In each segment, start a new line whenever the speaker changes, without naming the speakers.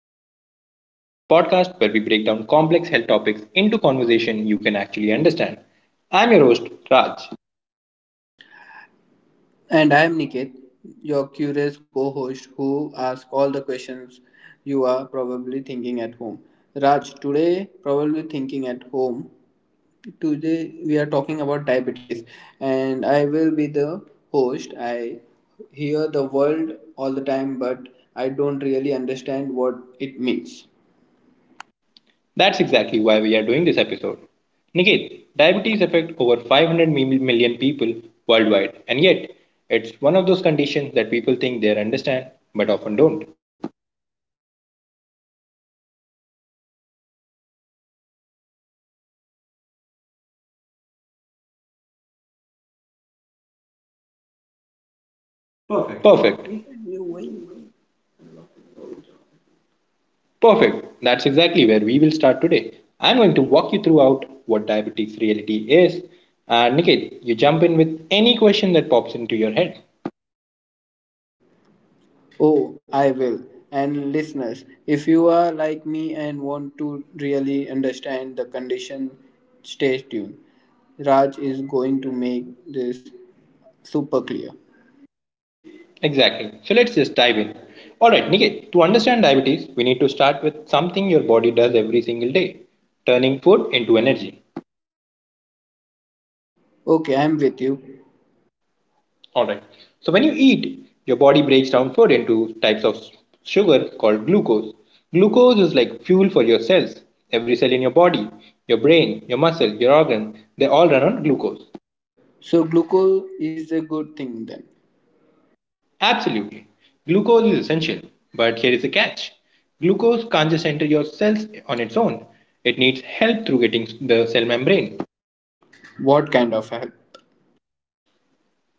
to Health Decoded, the podcast where we break down complex health topics into conversation you can actually understand. I'm your host, Raj.
And I am Niket, your curious co host who asks all the questions you are probably thinking at home. Raj, today, probably thinking at home, Today we are talking about diabetes, and I will be the host. I hear the word all the time, but I don't really understand what it means.
That's exactly why we are doing this episode. Niket, diabetes affects over 500 million people worldwide, and yet it's one of those conditions that people think they understand but often don't.
Perfect.
Perfect. Perfect. That's exactly where we will start today. I'm going to walk you throughout what diabetes reality is. And Niket, you jump in with any question that pops into your head.
Oh, I will. And listeners, if you are like me and want to really understand the condition, stay tuned. Raj is going to make this super clear.
Exactly. So let's just dive in. Alright, Niket, to understand diabetes, we need to start with something your body does every single day turning food into energy.
Okay, I'm with you.
All right. So when you eat, your body breaks down food into types of sugar called glucose. Glucose is like fuel for your cells. Every cell in your body, your brain, your muscle, your organ, they all run on glucose.
So, glucose is a good thing then.
Absolutely. Glucose is essential, but here is the catch. Glucose can't just enter your cells on its own. It needs help through getting the cell membrane.
What kind of help?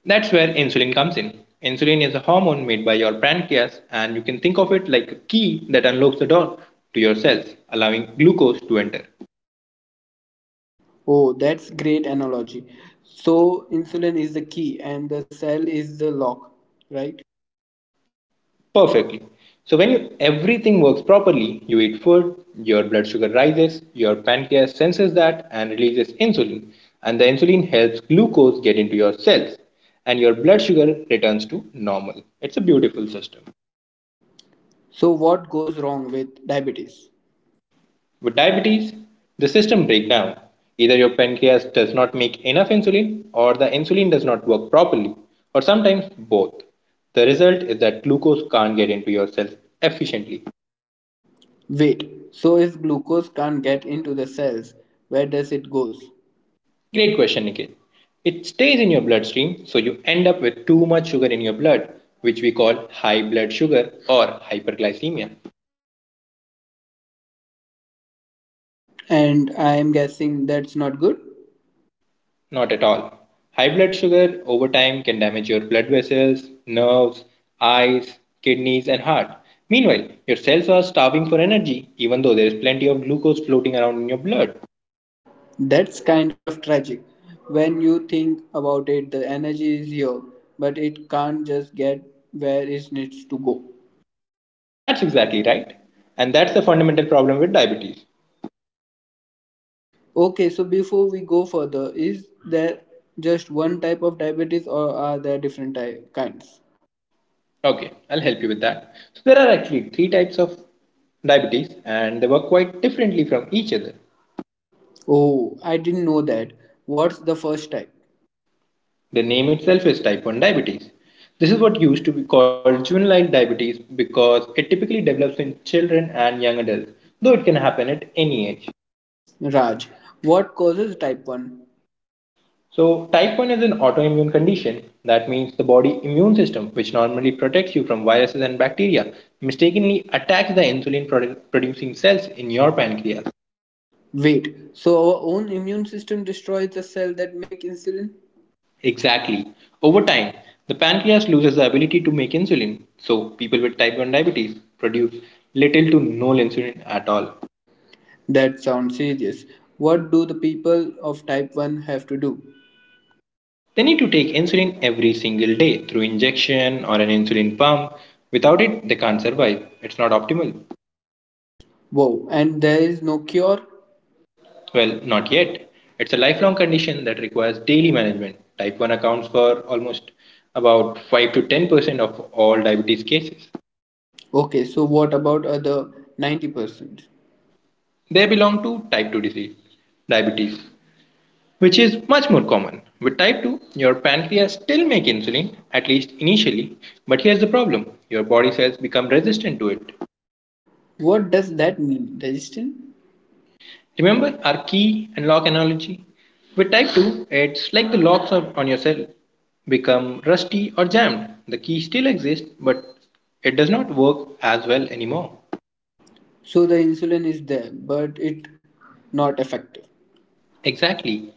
That's where insulin comes in. Insulin is a hormone made by your pancreas, and you can think of it like a key that unlocks the door to your cells, allowing glucose to enter.
Oh, that's great analogy. So, insulin is the key and the cell is the lock, right?
Perfectly. So, when you, everything works properly, you eat food, your blood sugar rises, your pancreas senses that and releases insulin, and the insulin helps glucose get into your cells, and your blood sugar returns to normal. It's a beautiful system.
So, what goes wrong with diabetes?
With diabetes, the system breaks down. Either your pancreas does not make enough insulin, or the insulin does not work properly, or sometimes both. The result is that glucose can't get into your cells efficiently.
Wait, so if glucose can't get into the cells, where does it goes?
Great question, Nikhil. It stays in your bloodstream, so you end up with too much sugar in your blood, which we call high blood sugar or hyperglycemia.
And I am guessing that's not good?
Not at all. High blood sugar over time can damage your blood vessels, nerves, eyes, kidneys, and heart. Meanwhile, your cells are starving for energy, even though there is plenty of glucose floating around in your blood.
That's kind of tragic. When you think about it, the energy is here, but it can't just get where it needs to go.
That's exactly right. And that's the fundamental problem with diabetes.
Okay, so before we go further, is there just one type of diabetes or are there different kinds?
Okay, I'll help you with that. So, there are actually three types of diabetes, and they work quite differently from each other.
Oh, I didn't know that. What's the first type?
The name itself is type 1 diabetes. This is what used to be called juvenile diabetes because it typically develops in children and young adults, though it can happen at any age.
Raj, what causes type 1?
So, type 1 is an autoimmune condition. That means the body immune system, which normally protects you from viruses and bacteria, mistakenly attacks the insulin producing cells in your pancreas.
Wait, so our own immune system destroys the cell that make insulin?
Exactly. Over time, the pancreas loses the ability to make insulin. So, people with type 1 diabetes produce little to no insulin at all.
That sounds serious. What do the people of type 1 have to do?
They need to take insulin every single day through injection or an insulin pump. Without it, they can't survive. It's not optimal.
Wow, and there is no cure?
Well, not yet. It's a lifelong condition that requires daily management. Type 1 accounts for almost about 5 to 10% of all diabetes cases.
Okay, so what about other 90%?
They belong to type 2 disease, diabetes, which is much more common. With type 2, your pancreas still make insulin at least initially, but here's the problem. Your body cells become resistant to it.
What does that mean? Resistant?
Remember our key and lock analogy? With type 2, it's like the locks on your cell become rusty or jammed. The key still exists, but it does not work as well anymore.
So the insulin is there, but it not effective.
Exactly.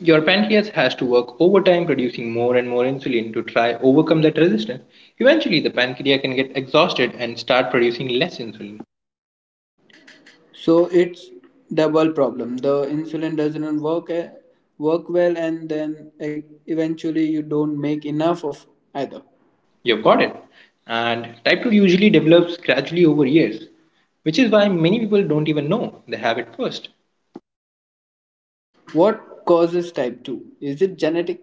Your pancreas has to work overtime producing more and more insulin to try overcome that resistance. Eventually the pancreas can get exhausted and start producing less insulin.
So it's double problem. The insulin doesn't work work well, and then eventually you don't make enough of either. You
You've got
got.
it. And type 2 usually develops gradually over years, which is why many people don't even know they have it first.
What causes type 2? Is it genetic?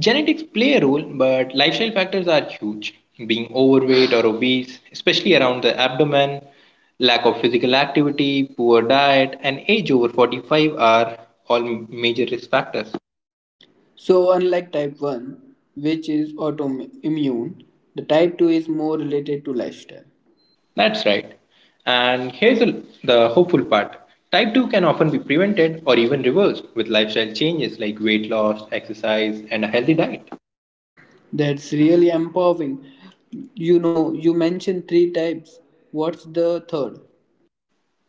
Genetics play a role, but lifestyle factors are huge. Being overweight or obese, especially around the abdomen, lack of physical activity, poor diet, and age over 45 are all major risk factors.
So, unlike type 1, which is autoimmune, the type 2 is more related to lifestyle.
That's right. And here's the hopeful part type 2 can often be prevented or even reversed with lifestyle changes like weight loss, exercise, and a healthy diet.
That's really empowering. You know, you mentioned three types. What's the third?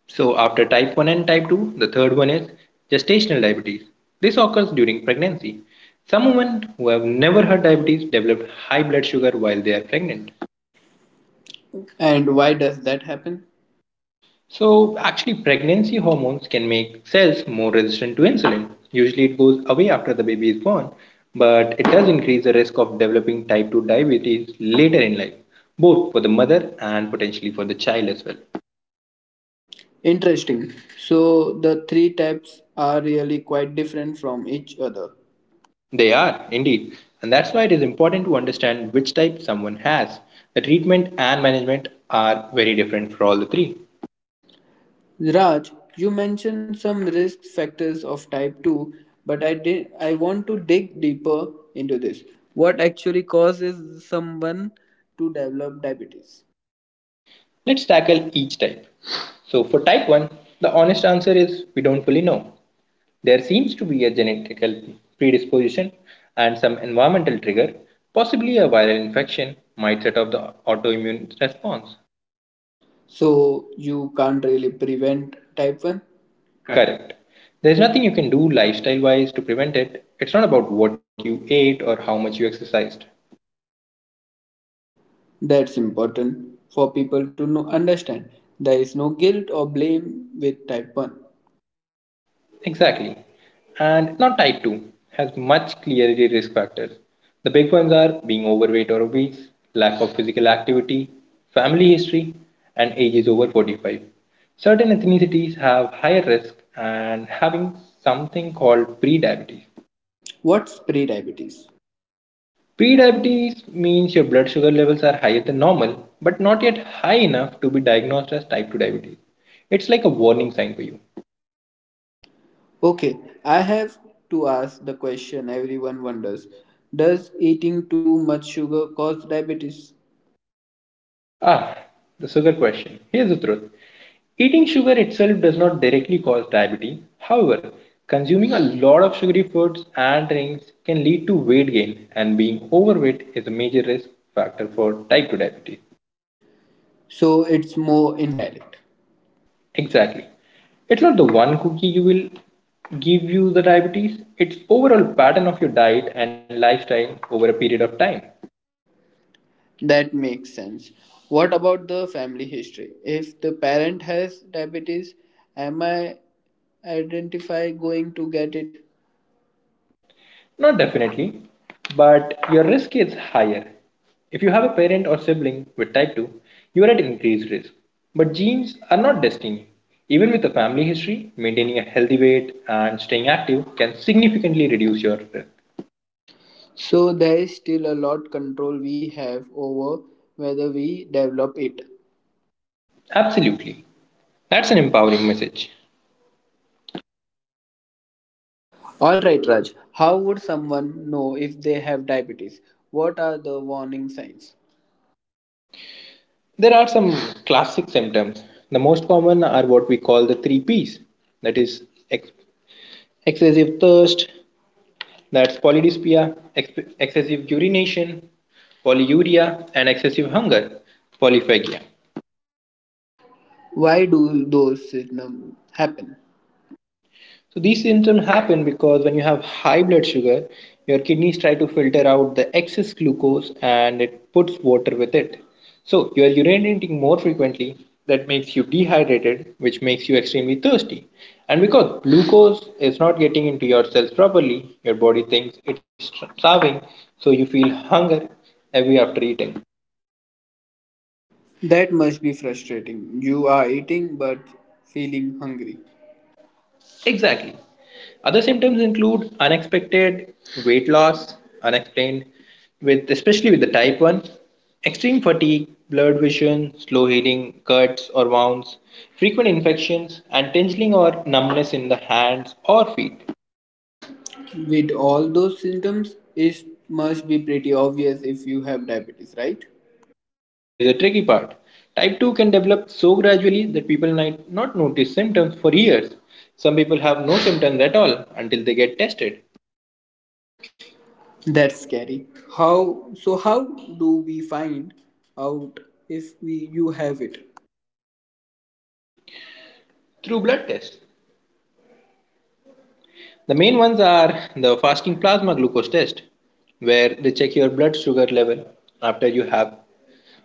So, after type 1 and type 2, the third one is gestational diabetes. This occurs during pregnancy. Some women who have never had diabetes develop high blood sugar while they are pregnant.
And why does that happen?
So, actually, pregnancy hormones can make cells more resistant to insulin. Usually, it goes away after the baby is born, but it does increase the risk of developing type 2 diabetes later in life, both for the mother and potentially for the child as well.
Interesting. So, the three types are really quite different from each other.
They are, indeed. And that's why it is important to understand which type someone has. The treatment and management are very different for all the three.
Raj, you mentioned some risk factors of type 2, but I want to dig deeper into this. What actually causes someone to develop diabetes?
Let's tackle each type. So, for type 1, the honest answer is we don't fully know. There seems to be a genetic predisposition and some environmental trigger, possibly a viral infection, might set off the autoimmune response.
So you can't really prevent type 1?
Correct. There's nothing you can do lifestyle wise to prevent it. It's not about what you ate or how much you exercised.
That's important for people to know, understand. There is no guilt or blame with type 1.
Exactly. And not type 2 has much clearer risk factors. The big ones are being overweight or obese, lack of physical activity, family history, and ages over 45. Certain ethnicities have higher risk and having something called prediabetes.
What's pre-diabetes?
Prediabetes means your blood sugar levels are higher than normal, but not yet high enough to be diagnosed as type 2 diabetes. It's like a warning sign for you.
Okay, I have to ask the question everyone wonders. Does eating too much sugar cause diabetes?
Ah, the sugar question. Here's the truth. Eating sugar itself does not directly cause diabetes. However, consuming a lot of sugary foods and drinks can lead to weight gain, and being overweight is a major risk factor for type 2 diabetes.
So it's more indirect.
Exactly. It's not the one cookie you will give you the diabetes, it's overall pattern of your diet and lifestyle over a period of time.
That makes sense. What about the family history? If the parent has diabetes, am I identify going to get it?
Not definitely, but your risk is higher. If you have a parent or sibling with type 2, you are at increased risk. But genes are not destiny. Even with a family history, maintaining a healthy weight and staying active can significantly reduce your risk.
So there is still a lot control we have over whether we develop it.
Absolutely. That's an empowering message.
All right, Raj. How would someone know if they have diabetes? What are the warning signs?
There are some classic symptoms. The most common are what we call the three P's that is, ex- excessive thirst, that's polydyspia, excessive urination, polyuria, and excessive hunger, polyphagia.
Why do those symptoms happen?
So these symptoms happen because when you have high blood sugar, your kidneys try to filter out the excess glucose and it puts water with it. So you are urinating more frequently, that makes you dehydrated, which makes you extremely thirsty. And because glucose is not getting into your cells properly, your body thinks it's starving, so you feel hunger every after eating.
That must be frustrating. You are eating but feeling hungry.
Exactly. Other symptoms include unexpected weight loss, unexplained with especially with the type 1, extreme fatigue, blurred vision, slow healing, cuts or wounds, frequent infections and tingling or numbness in the hands or feet.
With all those symptoms, it must be pretty obvious if you have diabetes, right?
Here's the tricky part. Type 2 can develop so gradually that people might not notice symptoms for years. Some people have no symptoms at all until they get tested
That's scary. How do we find out if we you have it?
through blood tests. The main ones are the fasting plasma glucose test, where they check your blood sugar level after you have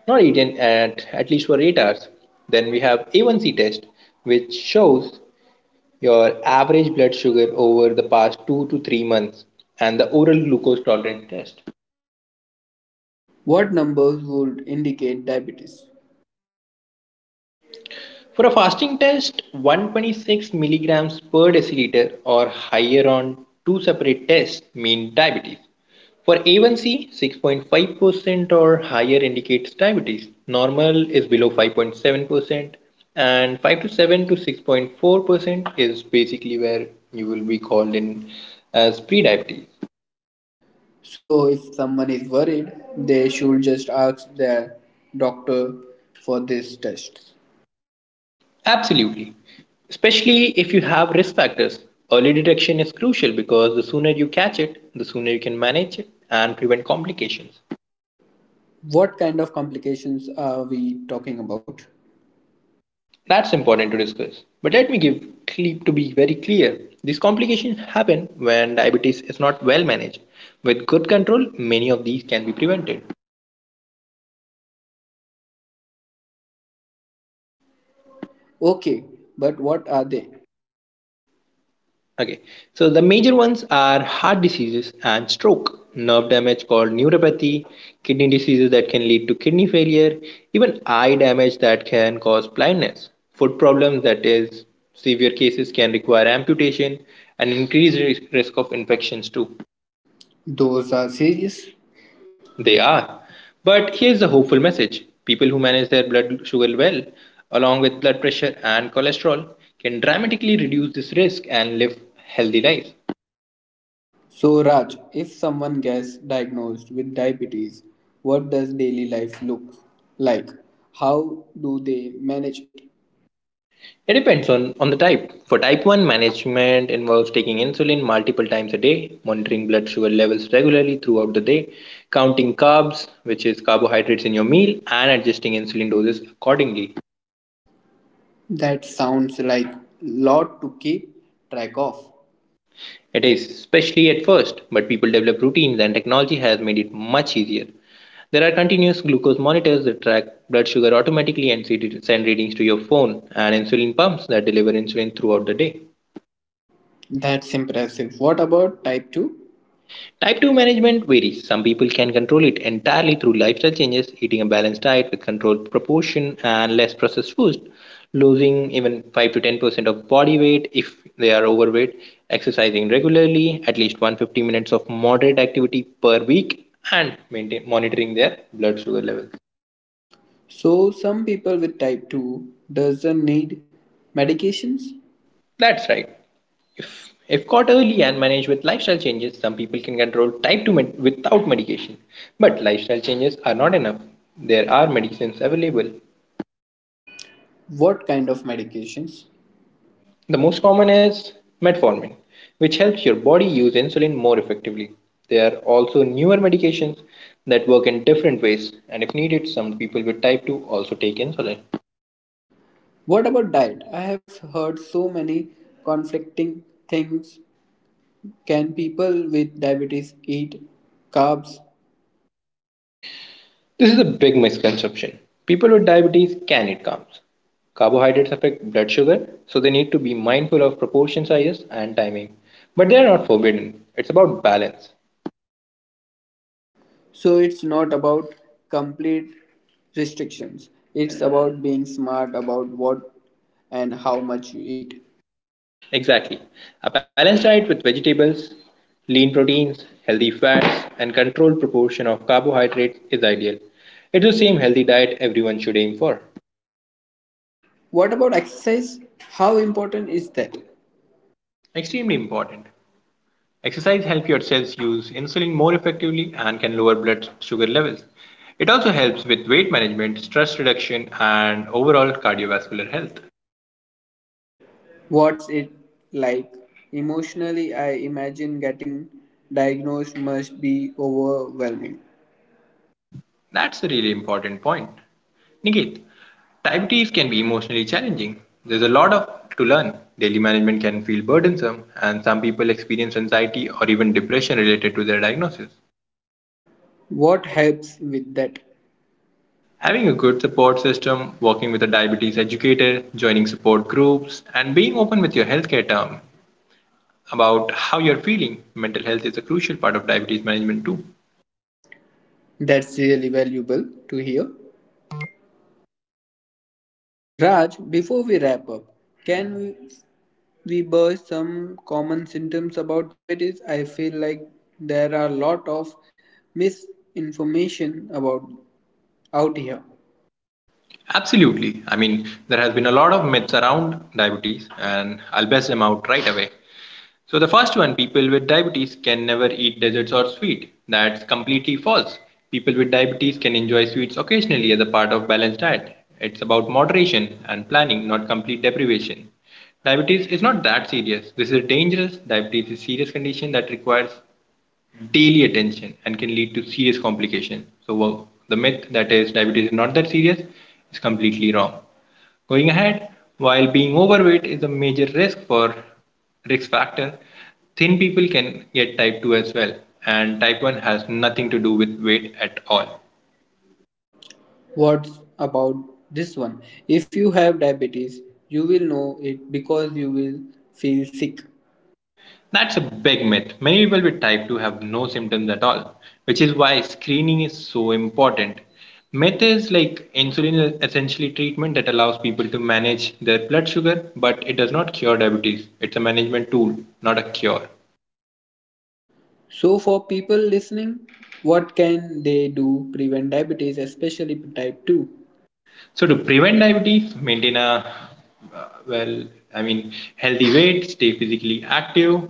not eaten at least for 8 hours. Then we have A1C test, which shows your average blood sugar over the past 2 to 3 months, and the oral glucose tolerance test.
What numbers would indicate diabetes?
For a fasting test, 126 milligrams per deciliter or higher on two separate tests mean diabetes. For A1C, 6.5% or higher indicates diabetes. Normal is below 5.7%, and 5 to 7 to 6.4% is basically where you will be called in as pre-diabetes.
So if someone is worried, they should just ask their doctor for this test.
Absolutely. Especially if you have risk factors. Early detection is crucial because the sooner you catch it, the sooner you can manage it and prevent complications.
What kind of complications are we talking about?
That's important to discuss. But let me give to be very clear. These complications happen when diabetes is not well managed. With good control, many of these can be prevented.
Okay, but what are they?
Okay, so the major ones are heart diseases and stroke, nerve damage called neuropathy, kidney diseases that can lead to kidney failure, even eye damage that can cause blindness, foot problems that is severe cases can require amputation and increased risk of infections too.
Those are serious. They.
They are. But here's the hopeful message. People who manage their blood sugar well, along with blood pressure and cholesterol, can dramatically reduce this risk and live healthy lives.
So, Raj, if someone gets diagnosed with diabetes, what does daily life look like? How do they manage it?
It depends on the type. For type 1, management involves taking insulin multiple times a day, monitoring blood sugar levels regularly throughout the day, counting carbs, which is carbohydrates in your meal, and adjusting insulin doses accordingly.
That sounds like lot to keep track of.
It is especially at first, but people develop routines and technology has made it much easier. There are continuous glucose monitors that track blood sugar automatically and send readings to your phone, and insulin pumps that deliver insulin throughout the day.
That's impressive. What about type 2?
Type 2 management varies. Some people can control it entirely through lifestyle changes, eating a balanced diet with controlled proportion and less processed foods, losing even 5 to 10% of body weight if they are overweight, exercising regularly, at least 150 minutes of moderate activity per week, and monitoring their blood sugar levels.
So, some people with type 2 doesn't need medications.
That's right. If caught early and managed with lifestyle changes, some people can control type 2 without medication. But lifestyle changes are not enough. There are medicines available.
What kind of medications?
The most common is metformin, which helps your body use insulin more effectively. There are also newer medications that work in different ways, and if needed, some people with type 2 also take insulin.
What about diet? I have heard so many conflicting things. Can people with diabetes eat carbs?
This is a big misconception. People with diabetes can eat carbs. Carbohydrates affect blood sugar, so they need to be mindful of proportion sizes and timing. But they are not forbidden, it's about balance.
So it's not about complete restrictions. It's about being smart about what and how much you eat.
Exactly. A balanced diet with vegetables, lean proteins, healthy fats, and controlled proportion of carbohydrates is ideal. It's the same healthy diet everyone should aim for.
What about exercise? How important is that?
Extremely important. Exercise helps your cells use insulin more effectively and can lower blood sugar levels. It also helps with weight management, stress reduction, and overall cardiovascular health.
What's it like? Emotionally, I imagine getting diagnosed must be overwhelming.
That's a really important point. Niket, diabetes can be emotionally challenging. There's a lot of to learn. Daily management can feel burdensome, and some people experience anxiety or even depression related to their diagnosis.
What helps with that?
Having a good support system, working with a diabetes educator, joining support groups, and being open with your healthcare team about how you're feeling, mental health is a crucial part of diabetes management too.
That's really valuable to hear. Raj, before we wrap up, can we burst some common symptoms about diabetes? I feel like there are a lot of misinformation about out here.
Absolutely. I mean, there has been a lot of myths around diabetes, and I'll best them out right away. So the first one, people with diabetes can never eat desserts or sweet. That's completely false. People with diabetes can enjoy sweets occasionally as a part of balanced diet. It's about moderation and planning, not complete deprivation. Diabetes is not that serious. This is dangerous. Diabetes is a serious condition that requires daily attention and can lead to serious complications. So, the myth that is diabetes is not that serious is completely wrong. Going ahead, while being overweight is a major risk factor, thin people can get type 2 as well, and type 1 has nothing to do with weight at all.
What's about this one? If you have diabetes, you will know it because you will feel sick.
That's a big myth. Many people with type 2 have no symptoms at all, which is why screening is so important. Myth is like insulin is essentially treatment that allows people to manage their blood sugar, but it does not cure diabetes. It's a management tool, not a cure.
So for people listening, what can they do prevent diabetes, especially type 2?
So to prevent diabetes, maintain a uh, well, I mean, healthy weight, stay physically active,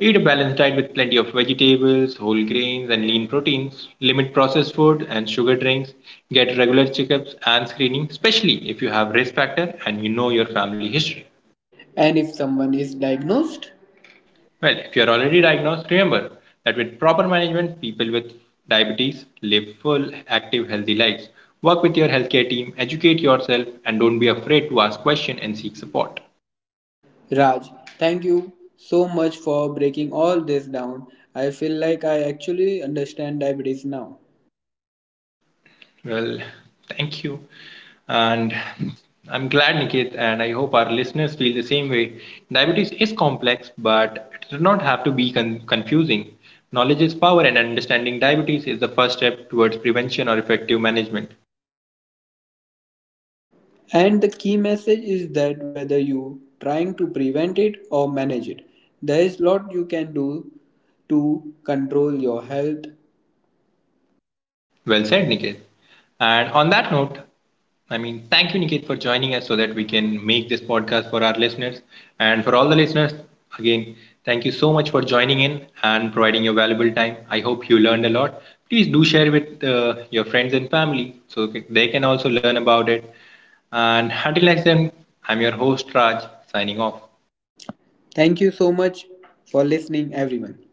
eat a balanced diet with plenty of vegetables, whole grains, and lean proteins. Limit processed food and sugar drinks. Get regular checkups and screening, especially if you have risk factor and you know your family history.
And if someone is diagnosed,
Well, if you're already diagnosed, remember that with proper management, people with diabetes live full, active, healthy lives. Work with your healthcare team, educate yourself, and don't be afraid to ask questions and seek support.
Raj, thank you so much for breaking all this down. I feel like I actually understand diabetes now.
Well, thank you. And I'm glad, Nikit, and I hope our listeners feel the same way. Diabetes is complex, but it does not have to be confusing. Knowledge is power, and understanding diabetes is the first step towards prevention or effective management.
And the key message is that whether you trying to prevent it or manage it, there is lot you can do to control your health.
Well said, Niket. And on that note, I mean, thank you, Niket, for joining us so that we can make this podcast for our listeners. And for all the listeners, again, thank you so much for joining in and providing your valuable time. I hope you learned a lot. Please do share with your friends and family so they can also learn about it. And until next time, I'm your host, Raj, signing off.
Thank you so much for listening everyone.